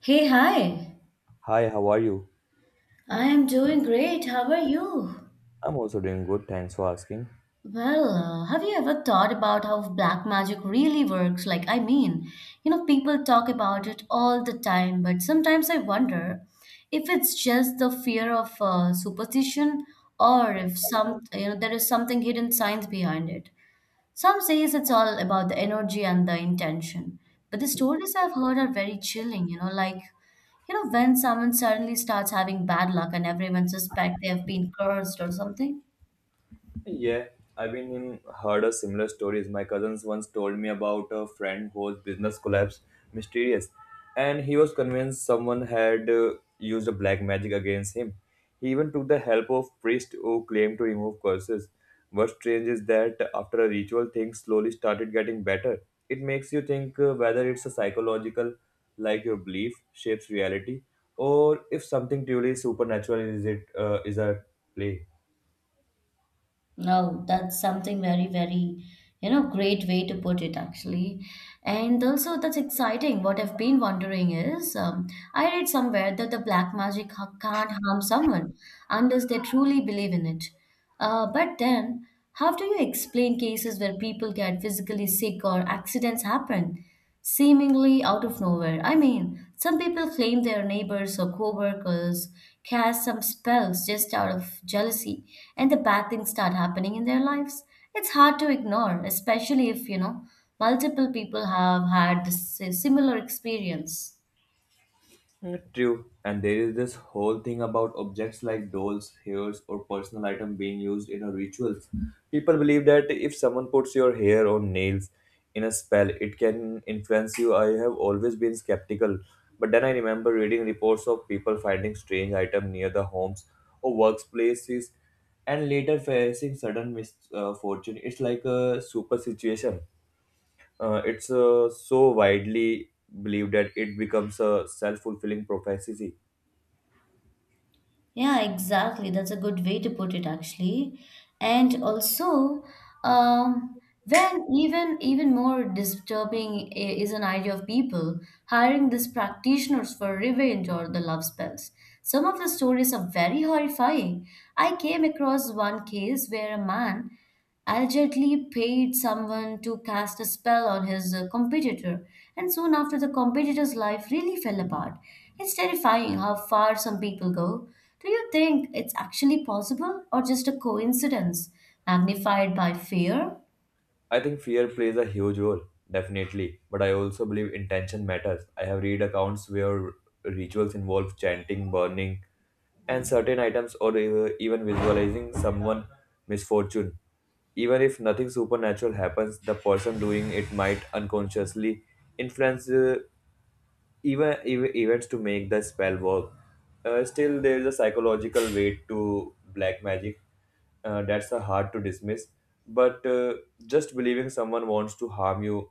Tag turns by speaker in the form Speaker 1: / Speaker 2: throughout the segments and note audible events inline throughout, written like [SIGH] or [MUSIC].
Speaker 1: Hey, hi.
Speaker 2: Hi, how are you?
Speaker 1: I am doing great. How are you?
Speaker 2: I'm also doing good, thanks for asking.
Speaker 1: Well, have you ever thought about how black magic really works? People talk about it all the time, but sometimes I wonder if it's just the fear of superstition or if some, you know, there is something hidden science behind it. Some says it's all about the energy and the intention, but the stories I've heard are very chilling, when someone suddenly starts having bad luck and everyone suspect they have been cursed or something.
Speaker 2: Yeah, I've heard of similar stories. My cousins once told me about a friend whose business collapsed mysterious, and he was convinced someone had used a black magic against him. He even took the help of priest who claimed to remove curses. What's strange is that after a ritual, things slowly started getting better. It makes you think whether it's a psychological, like your belief shapes reality, or if something truly supernatural is at play.
Speaker 1: No, that's something very, very, great way to put it actually. And also, that's exciting. What I've been wondering is, I read somewhere that the black magic ha- can't harm someone unless they truly believe in it. But then, how do you explain cases where people get physically sick or accidents happen, seemingly out of nowhere? I mean, some people claim their neighbors or coworkers cast some spells just out of jealousy, and the bad things start happening in their lives. It's hard to ignore, especially if, you know, multiple people have had this similar experience.
Speaker 2: True, and there is this whole thing about objects like dolls, hairs, or personal item being used in a rituals. People believe that if someone puts your hair or nails in a spell, it can influence you. I have always been skeptical, but then I remember reading reports of people finding strange items near the homes or workplaces, and later facing sudden misfortune. It's like a super situation it's so widely believed that it becomes a self-fulfilling prophecy.
Speaker 1: Yeah, exactly. That's a good way to put it, actually. And also, when even more disturbing is an idea of people hiring these practitioners for revenge or the love spells. Some of the stories are very horrifying. I came across one case where a man allegedly paid someone to cast a spell on his competitor, and soon after, the competitor's life really fell apart. It's terrifying how far some people go. Do you think it's actually possible or just a coincidence magnified by fear?
Speaker 2: I think fear plays a huge role definitely, but I also believe intention matters. I have read accounts where rituals involve chanting burning and certain items, or even visualizing someone misfortune. Even if nothing supernatural happens, the person doing it might unconsciously influence events to make the spell work. Still, there is a psychological weight to black magic that's hard to dismiss. But just believing someone wants to harm you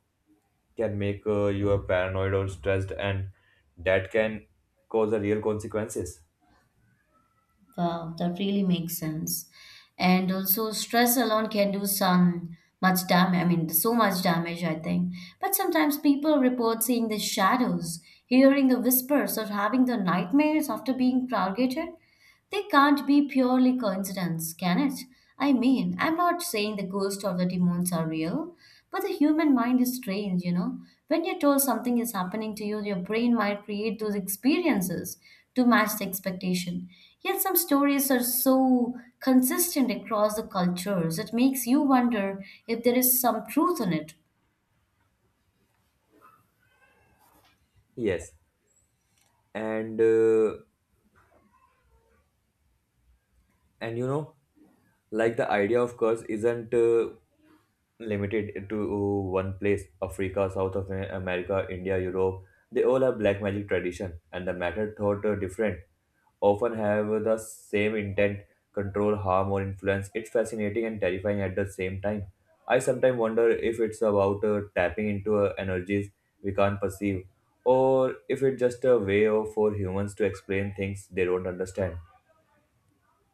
Speaker 2: can make you a paranoid or stressed, and that can cause a real consequences.
Speaker 1: Wow, that really makes sense. And also, stress alone can do some much damage. I mean, so much damage, I think. But sometimes people report seeing the shadows, hearing the whispers, or having the nightmares after being targeted. They can't be purely coincidence, can it? I mean, I'm not saying the ghosts or the demons are real, but the human mind is strange, you know. When you're told something is happening to you, your brain might create those experiences to match the expectation. Yet some stories are so consistent across the cultures, it makes you wonder if there is some truth in it.
Speaker 2: Yes, and uh, and like the idea of curse isn't. Limited to one place. Africa, South of America, India, Europe. They all have black magic tradition, and the method thought are different, often have the same intent: control, harm, or influence. It's fascinating and terrifying at the same time. I sometimes wonder if it's about tapping into energies we can't perceive, or if it's just a way of, for humans to explain things they don't understand.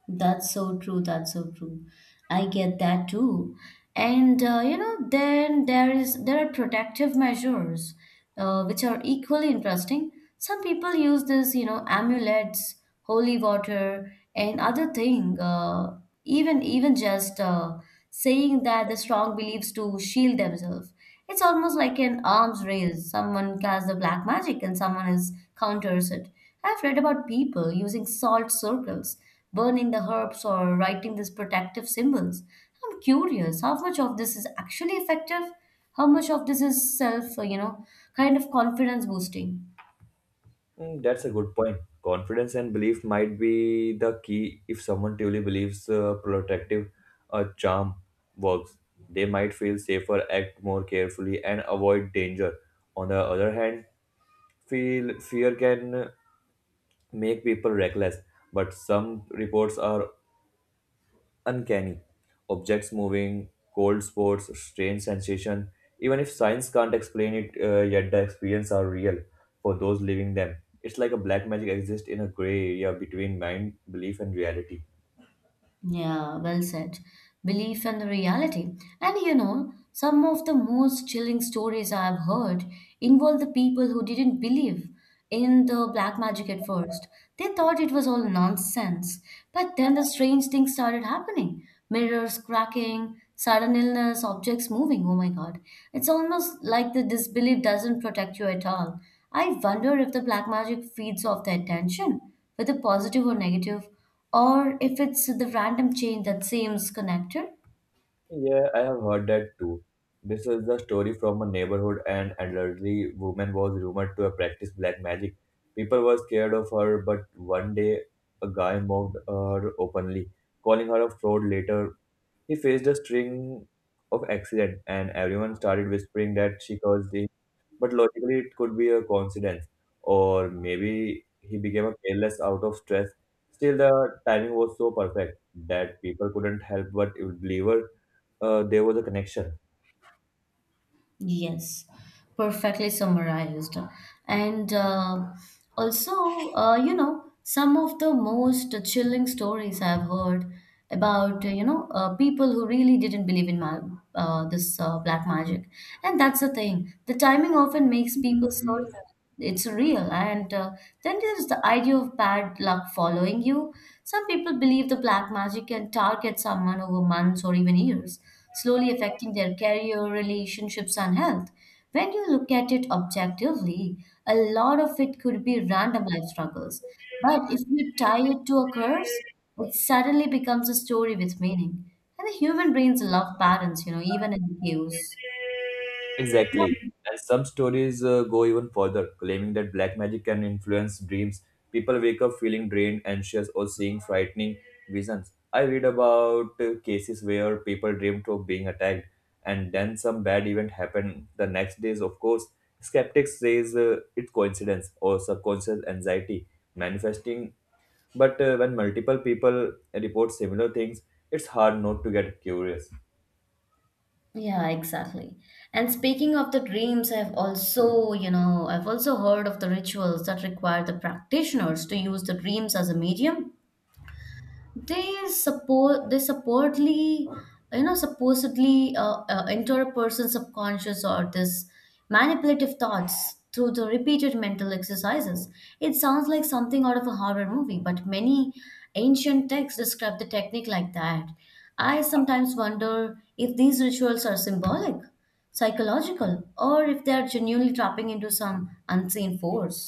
Speaker 1: That's so true. That's so true. I get that too. And you know, then there are protective measures, which are equally interesting. Some people use this, you know, amulets, holy water, and other thing. Even just saying that the strong believes to shield themselves. It's almost like an arms race. Someone casts the black magic and someone else counters it. I've read about people using salt circles, burning the herbs, or writing these protective symbols. I'm curious how much of this is actually effective, how much of this is self, kind of confidence boosting.
Speaker 2: That's a good point. Confidence and belief might be the key. If someone truly believes protective charm works, they might feel safer, act more carefully, and avoid danger. On the other hand, feel fear can make people reckless. But some reports are uncanny. Objects moving, cold spots, strange sensation. Even if science can't explain it, yet the experience are real for those living them. It's like a black magic exists in a gray area between mind, belief, and reality.
Speaker 1: Yeah, well said. Belief and the reality. And you know, some of the most chilling stories I've heard involve the people who didn't believe in the black magic at first. They thought it was all nonsense. But then the strange things started happening. Mirrors cracking, sudden illness, objects moving. Oh my God. It's almost like the disbelief doesn't protect you at all. I wonder if the black magic feeds off the attention, whether positive or negative, or if it's the random chain that seems connected.
Speaker 2: Yeah, I have heard that too. This is the story from a neighborhood. An elderly woman was rumored to have practiced black magic. People were scared of her, but one day a guy mocked her openly, calling her a fraud. Later he faced a string of accidents, and everyone started whispering that she caused it. But logically, it could be a coincidence, or maybe he became a careless out of stress. Still, the timing was so perfect that people couldn't help but believe her, there was a connection.
Speaker 1: Yes, perfectly summarized. And also, you know, some of the most chilling stories I've heard about, people who really didn't believe in ma this black magic. And that's the thing. The timing often makes people so it's real, and then there's the idea of bad luck following you. Some people believe the black magic can target someone over months or even years, slowly affecting their career, relationships, and health. When you look at it objectively, a lot of it could be random life struggles, but if you tie it to a curse, it suddenly becomes a story with meaning. And the human brains love patterns, you know, even in the chaos.
Speaker 2: Exactly. And some stories go even further, claiming that black magic can influence dreams. People wake up feeling drained, anxious, or seeing frightening visions. I read about cases where people dreamed of being attacked, and then some bad event happened the next days. Of course, skeptics says it's coincidence or subconscious anxiety manifesting. But when multiple people report similar things, it's hard not to get curious.
Speaker 1: Yeah, exactly. And speaking of the dreams, I've also heard of the rituals that require the practitioners to use the dreams as a medium. They support they supposedly you know supposedly enter a person's subconscious or this manipulative thoughts through the repeated mental exercises. It sounds like something out of a horror movie, but many ancient texts describe the technique like that. I sometimes wonder if these rituals are symbolic, psychological, or if they are genuinely tapping into some unseen force.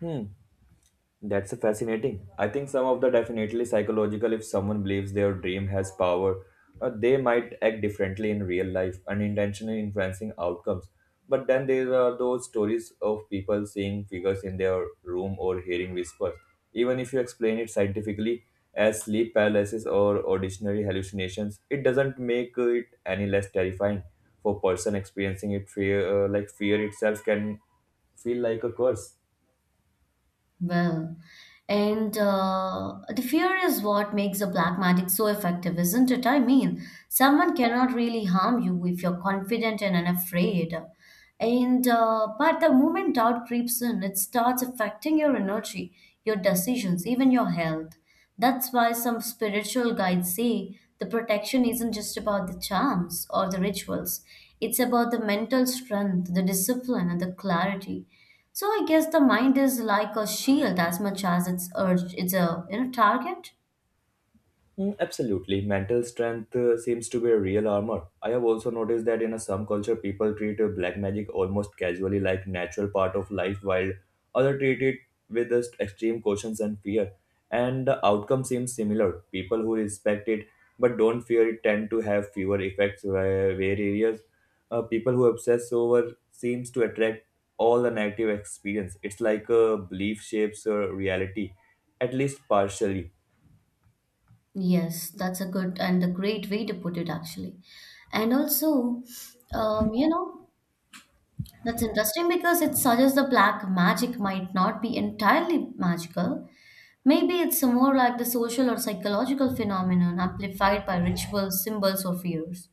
Speaker 2: Hmm. That's fascinating. I think some of the definitely psychological. If someone believes their dream has power, they might act differently in real life, unintentionally influencing outcomes. But then there are those stories of people seeing figures in their room or hearing whispers. Even if you explain it scientifically as sleep paralysis or ordinary hallucinations, it doesn't make it any less terrifying. For person experiencing it, fear itself can feel like a curse.
Speaker 1: Well, and the fear is what makes the black magic so effective, isn't it? I mean, someone cannot really harm you if you're confident and unafraid. And but the moment doubt creeps in, it starts affecting your energy, your decisions, even your health. That's why some spiritual guides say the protection isn't just about the charms or the rituals, it's about the mental strength, the discipline, and the clarity. So I guess the mind is like a shield as much as it's urged it's a you know target.
Speaker 2: Absolutely. Mental strength seems to be a real armor. I have also noticed that in a, some culture, people treat black magic almost casually like natural part of life, while other treat it with just extreme cautions and fear. And the outcome seems similar. People who respect it but don't fear it tend to have fewer effects where areas. People who obsess over seems to attract all the negative experience. It's like a belief shapes reality, at least partially.
Speaker 1: Yes, that's a good and a great way to put it actually. And also, you know, that's interesting because it suggests the black magic might not be entirely magical. Maybe it's more like the social or psychological phenomenon amplified by rituals, symbols, or fears.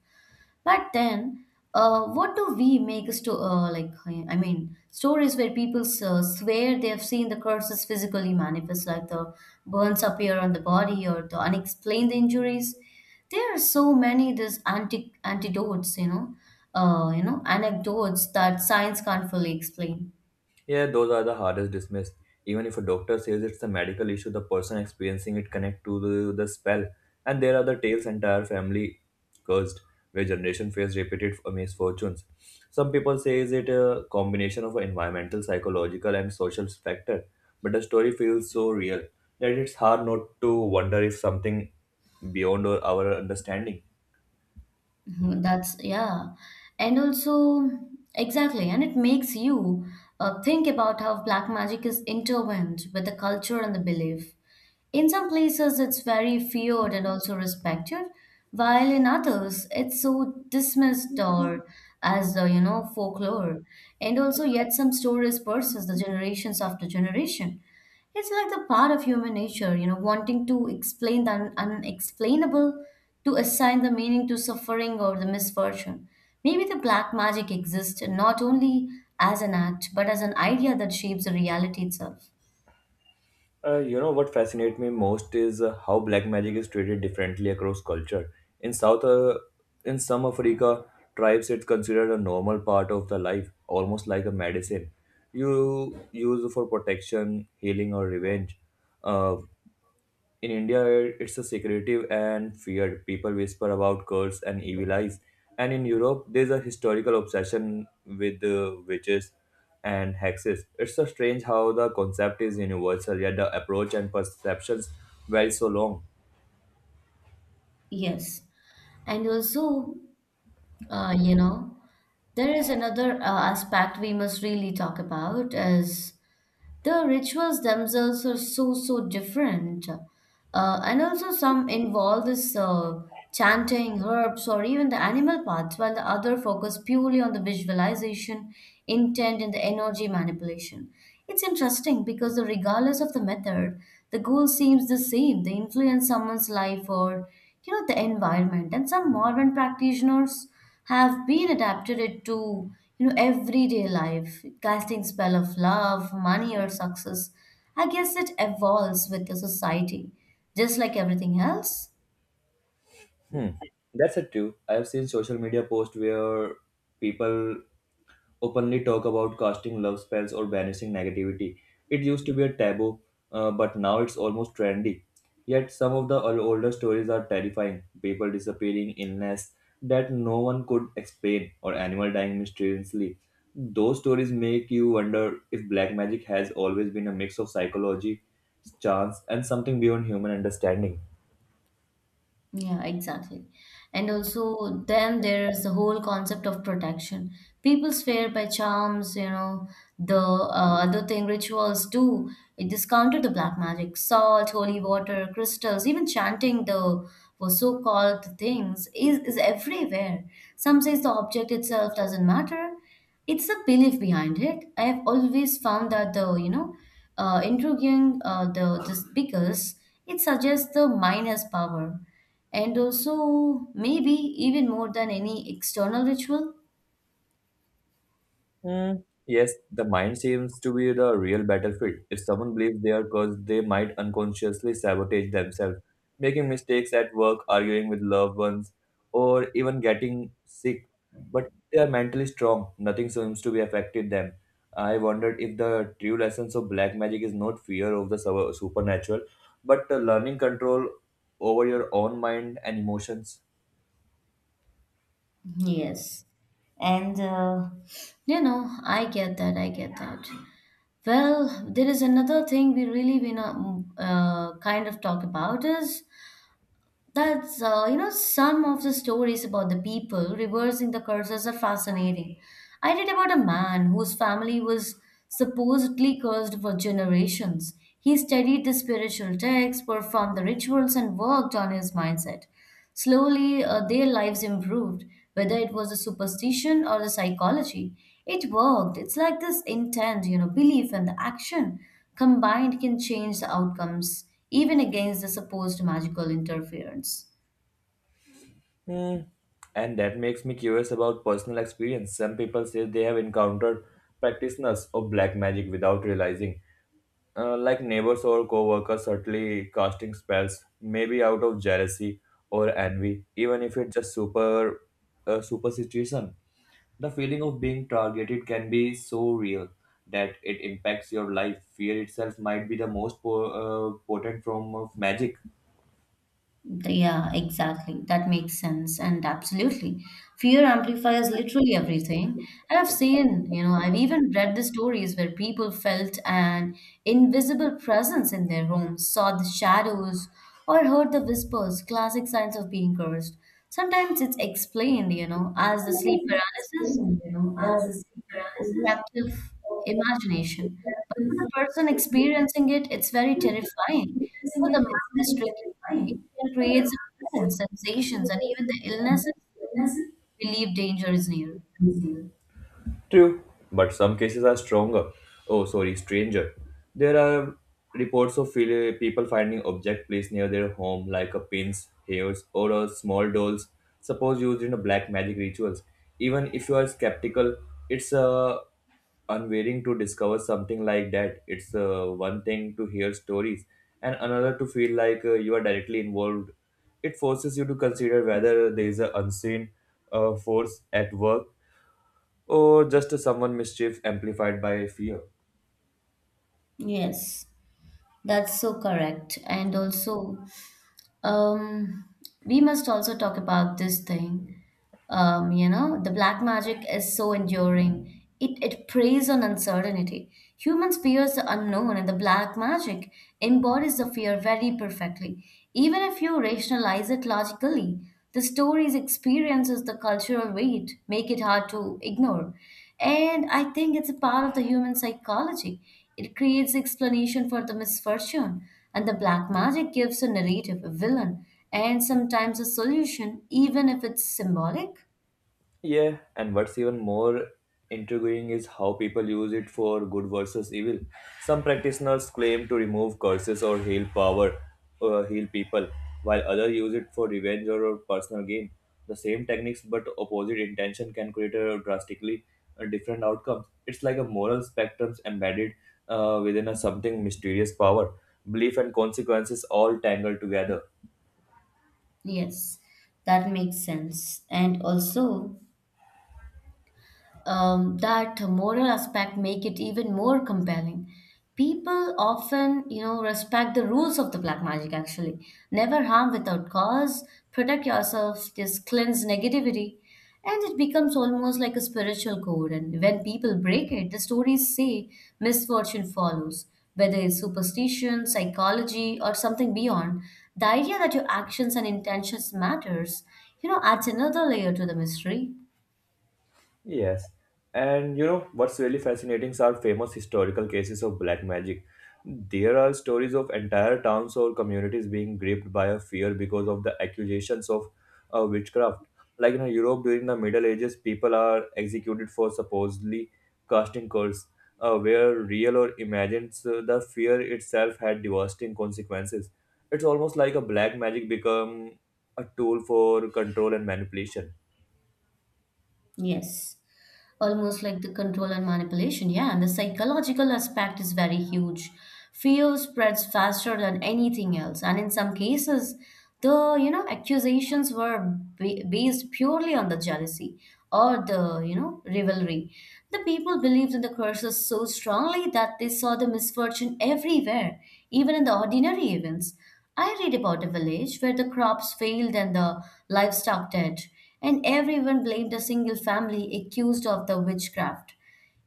Speaker 1: But then, what do we make a sto- like? I mean, stories where people swear they have seen the curses physically manifest, like the burns appear on the body or the unexplained injuries. There are so many these anti antidotes, you know, anecdotes that science can't fully explain.
Speaker 2: Yeah, those are the hardest dismissed. Even if a doctor says it's a medical issue, the person experiencing it connect to the spell. And there are the tales entire family cursed, where generation face repeated misfortunes. Some people say is it a combination of environmental, psychological, and social factor, but the story feels so real that it's hard not to wonder if something beyond our understanding.
Speaker 1: Mhm. That's yeah, and also exactly, and it makes you think about how black magic is intertwined with the culture and the belief. In some places, it's very feared and also respected, while in others, it's so dismissed or as folklore. And also, yet some stories persist the generations after generation. It's like the part of human nature, you know, wanting to explain the unexplainable, to assign the meaning to suffering or the misfortune. Maybe the black magic exists not only as an act, but as an idea that shapes the reality itself.
Speaker 2: You know what fascinates me most is how black magic is treated differently across culture. In South, uh, in some Africa tribes, it's considered a normal part of the life, almost like a medicine you use for protection, healing, or revenge. Uh, in India, it's a secretive and feared. People whisper about curses and evil eyes. And in Europe, there's a historical obsession with witches and hexes. It's so strange how the concept is universal, yet the approach and perceptions vary so long.
Speaker 1: Yes. And also, uh, you know, there is another aspect we must really talk about is: the rituals themselves are so so different, and also some involve this chanting herbs or even the animal parts, while the other focus purely on the visualization, intent, and the energy manipulation. It's interesting because the regardless of the method, the goal seems the same. They influence someone's life or you know the environment, and some modern practitioners have been adapted it to you know everyday life, casting spell of love, money, or success. I guess it evolves with the society, just like everything else.
Speaker 2: Hmm. That's it too. I have seen social media posts where people openly talk about casting love spells or banishing negativity. It used to be a taboo, but now it's almost trendy. Yet some of the older stories are terrifying: people disappearing, illness that no one could explain, or animal dying mysteriously. Those stories make you wonder if black magic has always been a mix of psychology, chance, and something beyond human understanding.
Speaker 1: Yeah, exactly. And also, then there's the whole concept of protection. People swear by charms, you know, the other thing rituals do. It discounted the black magic, salt, holy water, crystals, even chanting the for so-called things is everywhere. Some says the object itself doesn't matter. It's a belief behind it. I have always found that the you know intriguing the this because it suggests the mind has power, and also maybe even more than any external ritual.
Speaker 2: Hmm, yes, the mind seems to be the real battlefield. If someone believes they are cursed, they might unconsciously sabotage themselves, making mistakes at work, arguing with loved ones, or even getting sick. But they are mentally strong, nothing seems to be affected them. I wondered if the true lessons of black magic is not fear of the supernatural, but learning control over your own mind and emotions.
Speaker 1: Yes, and you know I get that. I get that. Well, there is another thing we really wanna kind of talk about is that's, you know, some of the stories about the people reversing the curses are fascinating. I read about a man whose family was supposedly cursed for generations. He studied the spiritual texts, performed the rituals, and worked on his mindset. Slowly, their lives improved, whether it was the superstition or the psychology. It worked. It's like this intent, you know, belief and the action combined can change the outcomes, even against the supposed magical interference.
Speaker 2: Hmm. And that makes me curious about personal experience. Some people say they have encountered practitioners of black magic without realizing, like neighbors or co-workers subtly casting spells, maybe out of jealousy or envy, even if it's just superstition. The feeling of being targeted can be so real that it impacts your life. Fear itself might be the most potent form of magic.
Speaker 1: Yeah, exactly. That makes sense. And absolutely. Fear amplifies literally everything. And I've seen, you know, I've even read the stories where people felt an invisible presence in their homes, saw the shadows, or heard the whispers, classic signs of being cursed. Sometimes it's explained, you know, as the sleep
Speaker 2: Sometimes it's
Speaker 1: paralysis
Speaker 2: extreme, you know, as
Speaker 1: or
Speaker 2: a paralysis.
Speaker 1: overactive
Speaker 2: So
Speaker 1: imagination. But for the
Speaker 2: effective
Speaker 1: person
Speaker 2: human
Speaker 1: experiencing it, it's very
Speaker 2: management. It
Speaker 1: terrifying.
Speaker 2: is
Speaker 1: You
Speaker 2: using
Speaker 1: the
Speaker 2: it, it's
Speaker 1: mind is
Speaker 2: very
Speaker 1: tricky. It
Speaker 2: terrifying.
Speaker 1: can
Speaker 2: So
Speaker 1: create
Speaker 2: the market
Speaker 1: silence,
Speaker 2: should be
Speaker 1: sensations, and even the illnesses
Speaker 2: the
Speaker 1: believe danger is near.
Speaker 2: necessary. True, but some cases are stranger. There are reports of people finding object placed near their home, like a pins, hairs, or a small dolls, suppose used in a black magic rituals. Even if you are skeptical, it's unwilling to discover something like that. It's one thing to hear stories, and another to feel like you are directly involved. It forces you to consider whether there is an unseen force at work or just someone mischief amplified by fear.
Speaker 1: Yes, that's so correct. And also, Um, we must also talk about this thing. You know, the black magic is so enduring. It preys on uncertainty. Humans fears the unknown, and the black magic embodies the fear very perfectly. Even if you rationalize it logically, the stories, experiences, the cultural weight make it hard to ignore. And I think it's a part of the human psychology. It creates explanation for the misfortune, and the black magic gives a narrative, a villain, and sometimes a solution, even if it's symbolic.
Speaker 2: Yeah, and what's even more intriguing is how people use it for good versus evil. Some practitioners claim to remove curses or heal people, while others use it for revenge or personal gain. The same techniques but opposite intention can create a drastically different outcomes. It's like a moral spectrum embedded within a something mysterious power. Belief and consequences all tangled together.
Speaker 1: Yes, that makes sense. And also, that moral aspect make it even more compelling. People often, you know, respect the rules of the black magic actually. Never harm without cause, protect yourself, just cleanse negativity. And it becomes almost like a spiritual code. And when people break it, the stories say misfortune follows. Whether it's superstition, psychology, or something beyond, the idea that your actions and intentions matters, you know, adds another layer to the mystery.
Speaker 2: Yes, and you know what's really fascinating are famous historical cases of black magic. There are stories of entire towns or communities being gripped by a fear because of the accusations of witchcraft. Like in Europe during the Middle Ages, people are executed for supposedly casting curses, where real or imagined, so the fear itself had devastating consequences. It's almost like a black magic become a tool for control and manipulation.
Speaker 1: Yes, almost like the control and manipulation. Yeah, and the psychological aspect is very huge. Fear spreads faster than anything else, and in some cases, the accusations were based purely on the jealousy or the, you know, rivalry. The people believed in the curses so strongly that they saw the misfortune everywhere, even in the ordinary events. I read about a village where the crops failed and the livestock died and everyone blamed a single family accused of the witchcraft.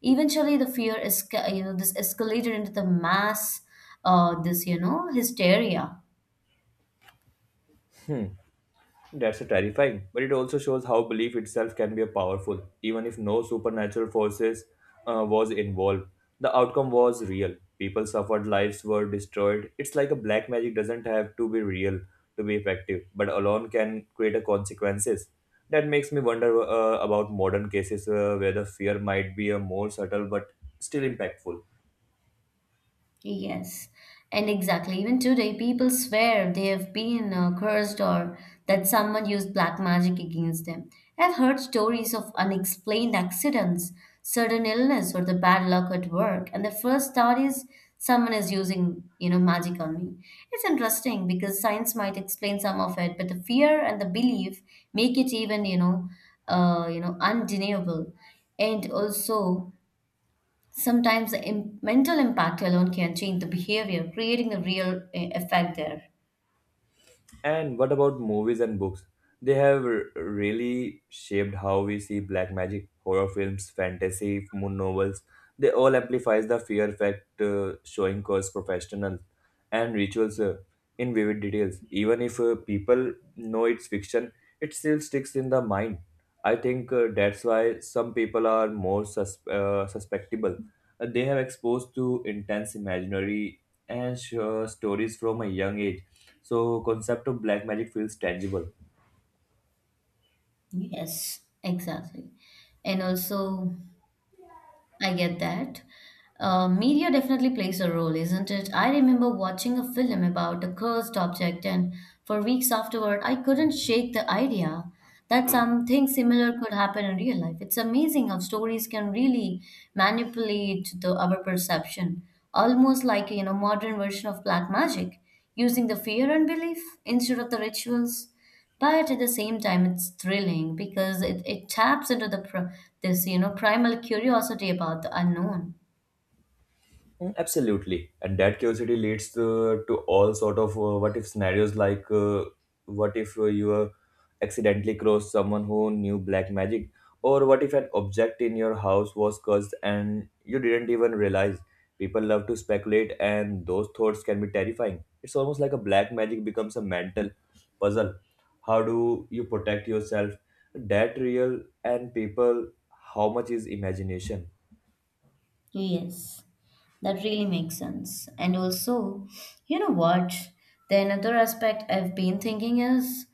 Speaker 1: Eventually, the fear is, you know, this escalated into the mass, this, you know, hysteria.
Speaker 2: Hmm. That's terrifying, but it also shows how belief itself can be powerful, even if no supernatural forces was involved. The outcome was real. People suffered, lives were destroyed. It's like a black magic doesn't have to be real to be effective, but alone can create a consequences. That makes me wonder about modern cases where the fear might be a more subtle but still impactful.
Speaker 1: Yes, and exactly. Even today, people swear they have been cursed or that someone used black magic against them. I've heard stories of unexplained accidents, sudden illness, or the bad luck at work, and the first thought is someone is using, you know, magic on me. It's interesting because science might explain some of it, but the fear and the belief make it even, undeniable. And also, sometimes the mental impact alone can change the behavior, creating a real effect there.
Speaker 2: And what about movies and books? They have really shaped how we see black magic: horror films, fantasy, moon novels. They all amplifies the fear factor, showing curse professionals and rituals in vivid details. Even if people know it's fiction, it still sticks in the mind. I think that's why some people are more susceptible. They have exposed to intense imaginary and sure stories from a young age, so concept of black magic feels tangible.
Speaker 1: Yes. Exactly. And also, I get that. Media definitely plays a role, isn't it? I remember watching a film about a cursed object, and for weeks afterward, I couldn't shake the idea that something similar could happen in real life. It's amazing how stories can really manipulate the our perception, almost like, you know, modern version of black magic, using the fear and belief instead of the rituals. But at the same time, it's thrilling because it taps into the pr this, you know, primal curiosity about the unknown.
Speaker 2: Absolutely, and that curiosity leads to all sort of what if scenarios like what if you accidentally crossed someone who knew black magic, or what if an object in your house was cursed and you didn't even realize. People love to speculate, and those thoughts can be terrifying. It's almost like a black magic becomes a mental puzzle. How do you protect yourself? That real and people, how much is imagination?
Speaker 1: Yes, that really makes sense. And also, you know what? The another aspect I've been thinking is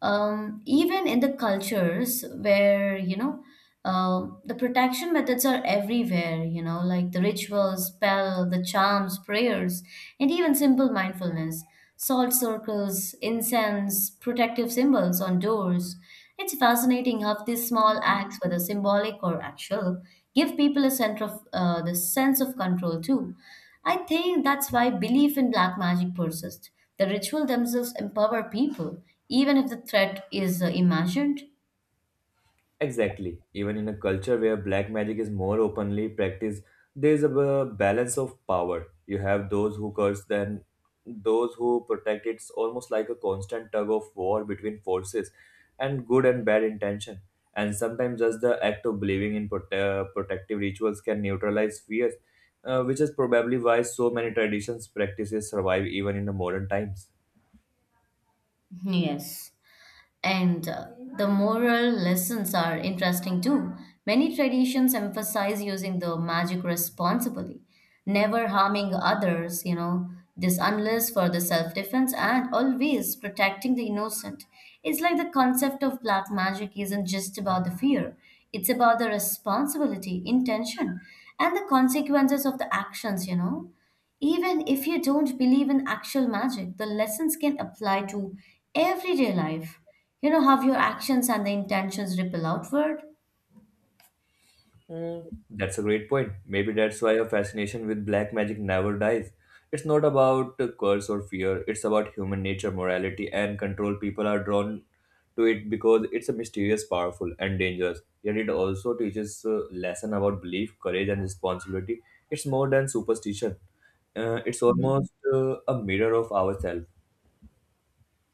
Speaker 1: even in the cultures where, you know, the protection methods are everywhere, you know, like the rituals, spell, the charms, prayers, and even simple mindfulness, salt circles, incense, protective symbols on doors. It's fascinating how these small acts, whether symbolic or actual, give people a sense of control too. I think that's why belief in black magic persists. The ritual themselves empower people, even if the threat is, imagined.
Speaker 2: Exactly. Even in a culture where black magic is more openly practiced, there is a balance of power. You have those who curse, then those who protect. It's almost like a constant tug of war between forces and good and bad intention. And sometimes just the act of believing in protective rituals can neutralize fears, which is probably why so many traditions practices survive even in the modern times.
Speaker 1: Yes. And the moral lessons are interesting too. Many traditions emphasize using the magic responsibly, never harming others, you know, this unless for the self defense and always protecting the innocent. It's like the concept of black magic isn't just about the fear, it's about the responsibility, intention, and the consequences of the actions, you know. Even if you don't believe in actual magic, the lessons can apply to everyday life. You know how your actions and the intentions ripple outward?
Speaker 2: That's a great point. Maybe that's why your fascination with black magic never dies. It's not about a curse or fear, it's about human nature, morality, and control. People are drawn to it because it's a mysterious, powerful, and dangerous. Yet it also teaches a lesson about belief, courage, and responsibility. It's more than superstition. It's almost a mirror of ourselves.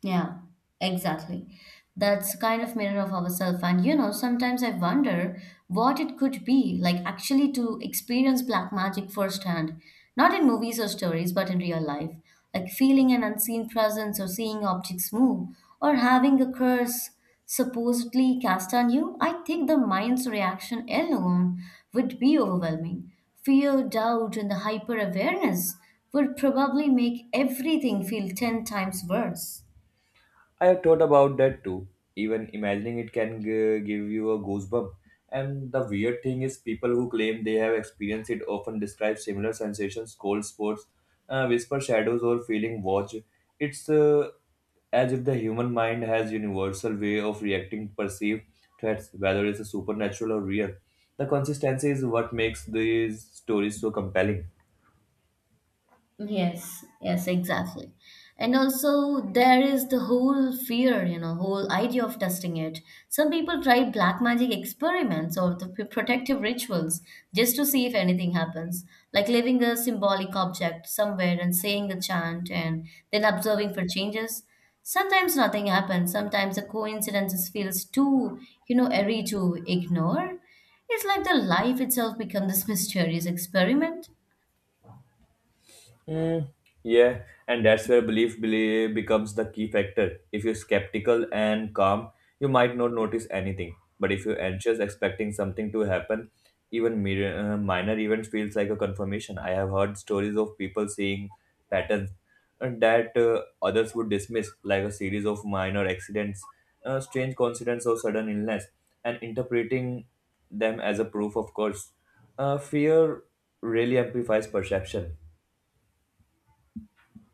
Speaker 1: Yeah, exactly. That's kind of mirror of ourselves. And you know, sometimes I wonder what it could be like actually to experience black magic firsthand, not in movies or stories, but in real life. Like feeling an unseen presence or seeing objects move or having a curse supposedly cast on you. I think the mind's reaction alone would be overwhelming. Fear, doubt, and the hyper awareness would probably make everything feel 10 times worse.
Speaker 2: I have thought about that too. Even imagining it can give you a goosebump. And the weird thing is, people who claim they have experienced it often describe similar sensations, cold spots, whisper shadows, or feeling watch. It's as if the human mind has universal way of reacting to perceived threats, whether it's supernatural or real. The consistency is what makes these stories so compelling.
Speaker 1: Yes, yes, exactly. And also, there is the whole fear, you know, whole idea of testing it. Some people try black magic experiments or the protective rituals just to see if anything happens, like leaving a symbolic object somewhere and saying a chant and then observing for changes. Sometimes nothing happens, sometimes the coincidence feels too, you know, airy to ignore. It's like the life itself becomes this [LAUGHS] mysterious experiment.
Speaker 2: Mm, yeah, and that's where belief becomes the key factor. If you're skeptical and calm, you might not notice anything. But if you're anxious, expecting something to happen, even minor events feels like a confirmation. I have heard stories of people seeing patterns and that others would dismiss, like a series of minor accidents, strange coincidence, or sudden illness, and interpreting them as a proof of course. Fear really amplifies perception.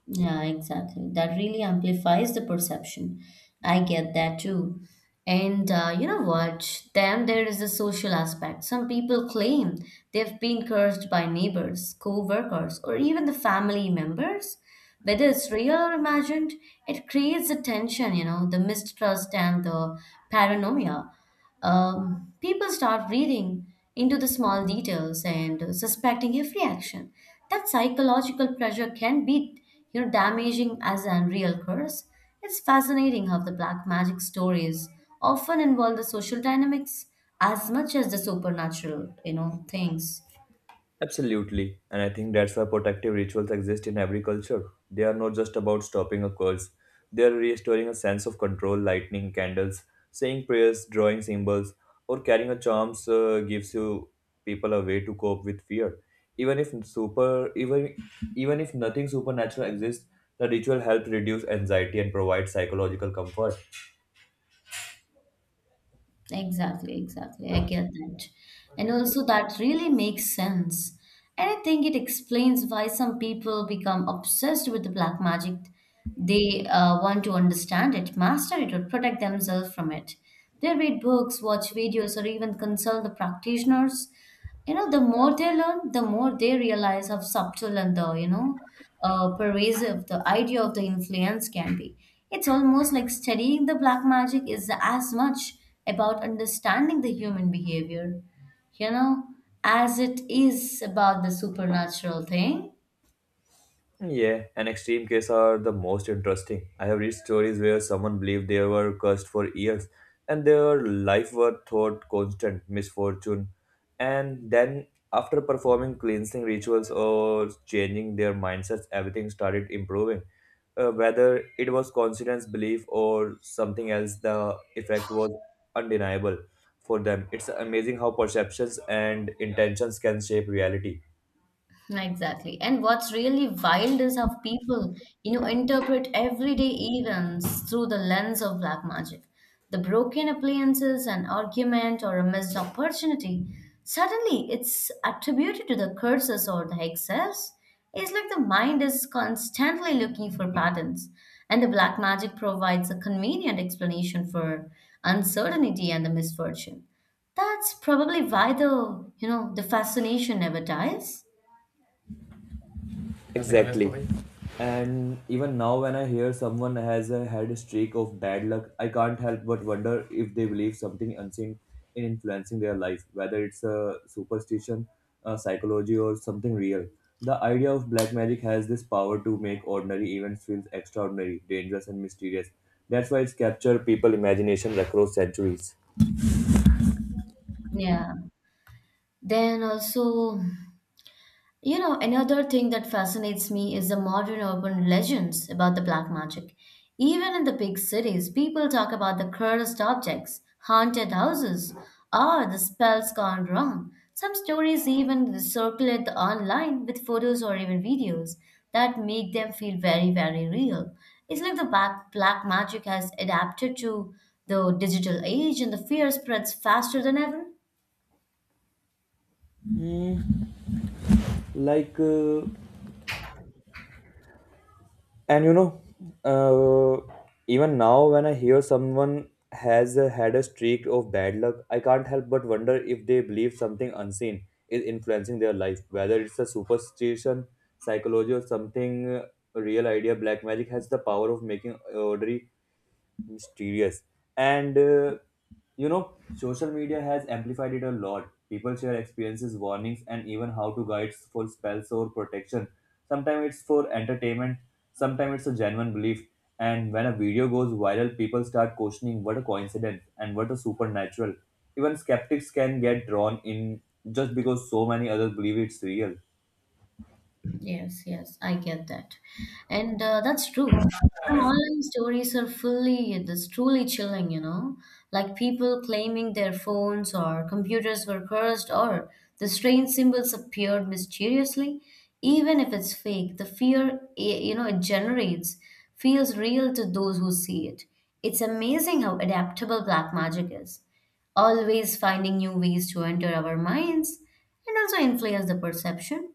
Speaker 1: Yeah, exactly. That really amplifies the perception. I get that too. And you know what? Then there is the social aspect. Some people claim they've been cursed by neighbors, co-workers, or even the family members. Whether it's real or imagined, it creates the tension, you know, the mistrust and the paranoia. People start reading into the small details and suspecting every action. That psychological pressure can be, you know, damaging as an real curse. It's fascinating how the black magic stories often involve the social dynamics as much as the supernatural, you know, things.
Speaker 2: Absolutely. And I think that's why protective rituals exist in every culture. They are not just about stopping a curse, they are restoring a sense of control, lighting candles, saying prayers, drawing symbols, or carrying a charm gives you people a way to cope with fear. Even if super even Even if nothing supernatural exists, the ritual helps reduce anxiety and provide psychological comfort.
Speaker 1: Exactly, exactly. I get that. And also, that really makes sense. And I think it explains why some people become obsessed with the black magic. They want to understand it, master it, or protect themselves from it. They read books, watch videos, or even consult the practitioners. You know, the more they learn, the more they realize how subtle and pervasive the idea of the influence can be. It's almost like studying the black magic is as much about understanding the human behavior, you know, as it is about the supernatural thing.
Speaker 2: Yeah, and extreme cases are the most interesting. I have read stories where someone believed they were cursed for years and their life were thought constant misfortune. And then, after performing cleansing rituals or changing their mindsets, everything started improving. Whether it was coincidence, belief, or something else, the effect was undeniable for them. It's amazing how perceptions and intentions can shape reality.
Speaker 1: Exactly. And what's really wild is how people, you know, interpret everyday events through the lens of black magic. The broken appliances, an argument, or a missed opportunity, suddenly it's attributed to the curses or the excess. It's like the mind is constantly looking for patterns, and the black magic provides a convenient explanation for uncertainty and the misfortune. That's probably why the, you know, the fascination never dies.
Speaker 2: Exactly. Exactly. And even now, when I hear someone has had a streak of bad luck, I can't help but wonder if they believe something unseen in influencing their life, whether it's a superstition, a psychology, or something real. The idea of black magic has this power to make ordinary events feel extraordinary, dangerous, and mysterious. That's why it's captured people's imagination across centuries.
Speaker 1: Yeah. Then also, you know, another thing that fascinates me is the modern urban legends about the black magic. Even in the big cities, people talk about the cursed objects, haunted houses, or the spells gone wrong. Some stories even circulate online with photos or even videos that make them feel very, very real. It's like the black magic has adapted to the digital age and the fear spreads faster than ever.
Speaker 2: Mm, like and you know uh, even now when I hear someone has had a streak of bad luck I can't help but wonder if they believe something unseen is influencing their life whether it's a superstition psychology or something real idea black magic has the power of making ordinary mysterious and you know social media has amplified it a lot people share experiences warnings and even how to guides for spells or protection sometimes it's for entertainment sometimes it's a genuine belief and when a video goes viral people start questioning what a coincidence and what a supernatural even skeptics can get drawn in just because so many others believe it's real
Speaker 1: Yes, yes, I get that. And that's true. Some online stories are that's truly chilling, you know, like people claiming their phones or computers were cursed or the strange symbols appeared mysteriously. Even if it's fake, the fear, you know, it generates feels real to those who see it. It's amazing how adaptable black magic is, always finding new ways to enter our minds and also influence the perception.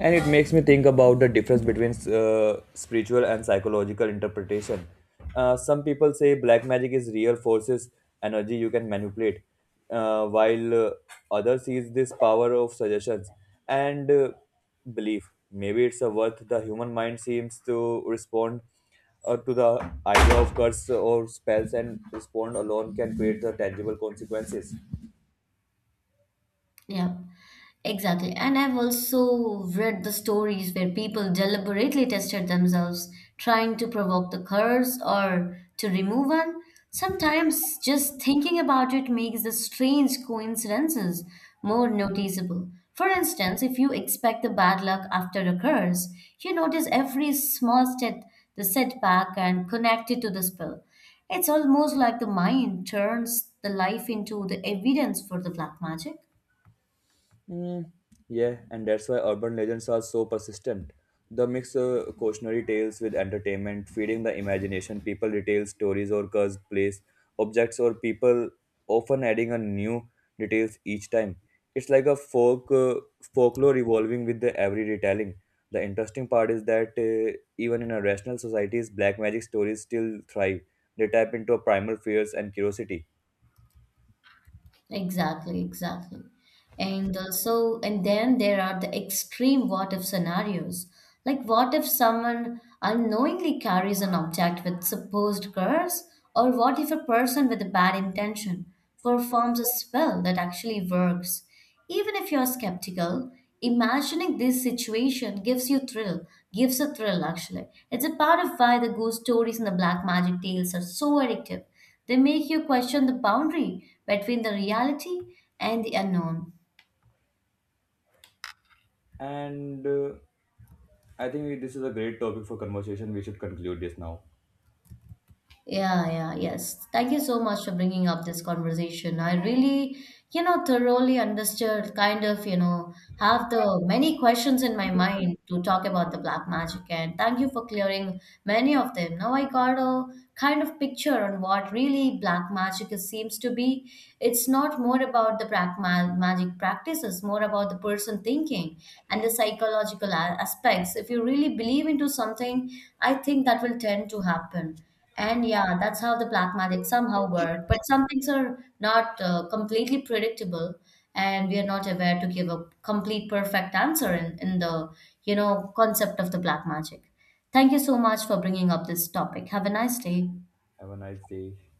Speaker 2: and it makes me think about the difference between spiritual and psychological interpretation some people say black magic is real forces energy you can manipulate while others sees this power of suggestions and belief maybe it's a worth the human mind seems to respond to the idea of curse or spells and respond alone can create the tangible consequences.
Speaker 1: Yeah. Exactly. And I've also read the stories where people deliberately tested themselves, trying to provoke the curse or to remove one. Sometimes just thinking about it makes the strange coincidences more noticeable. For instance, if you expect the bad luck after a curse, you notice every small step, the setback, and connect it to the spell. It's almost like the mind turns the life into the evidence for the black magic.
Speaker 2: Mm, yeah, and that's why urban legends are so persistent. They mix cautionary tales with entertainment, feeding the imagination. People retell stories or cursed place, objects or people, often adding a new details each time. It's like a folklore evolving with the every retelling. The interesting part is that even in a rational societies, black magic stories still thrive. They tap into primal fears and curiosity.
Speaker 1: Exactly, exactly. And and then there are the extreme what if scenarios. Like, what if someone unknowingly carries an object with supposed curse? Or what if a person with a bad intention performs a spell that actually works? Even if you're skeptical, imagining this situation gives a thrill actually. It's a part of why the ghost stories and the black magic tales are so addictive. They make you question the boundary between the reality and the unknown.
Speaker 2: And I think this is a great topic for conversation. We should conclude this now.
Speaker 1: Yeah, yeah, yes. Thank you so much for bringing up this conversation. I really, you know, thoroughly understood, kind of, you know, have the many questions in my mind to talk about the black magic. And thank you for clearing many of them. Now I got a kind of picture on what really black magic is, seems to be. It's not more about the black ma magic practices, more about the person thinking and the psychological aspects. If you really believe into something, I think that will tend to happen and yeah, that's how the black magic somehow work. But some things are not completely predictable, and we are not aware to give a complete perfect answer in the, you know, concept of the black magic. Thank you so much for bringing up this topic. Have a nice day.
Speaker 2: Have a nice day.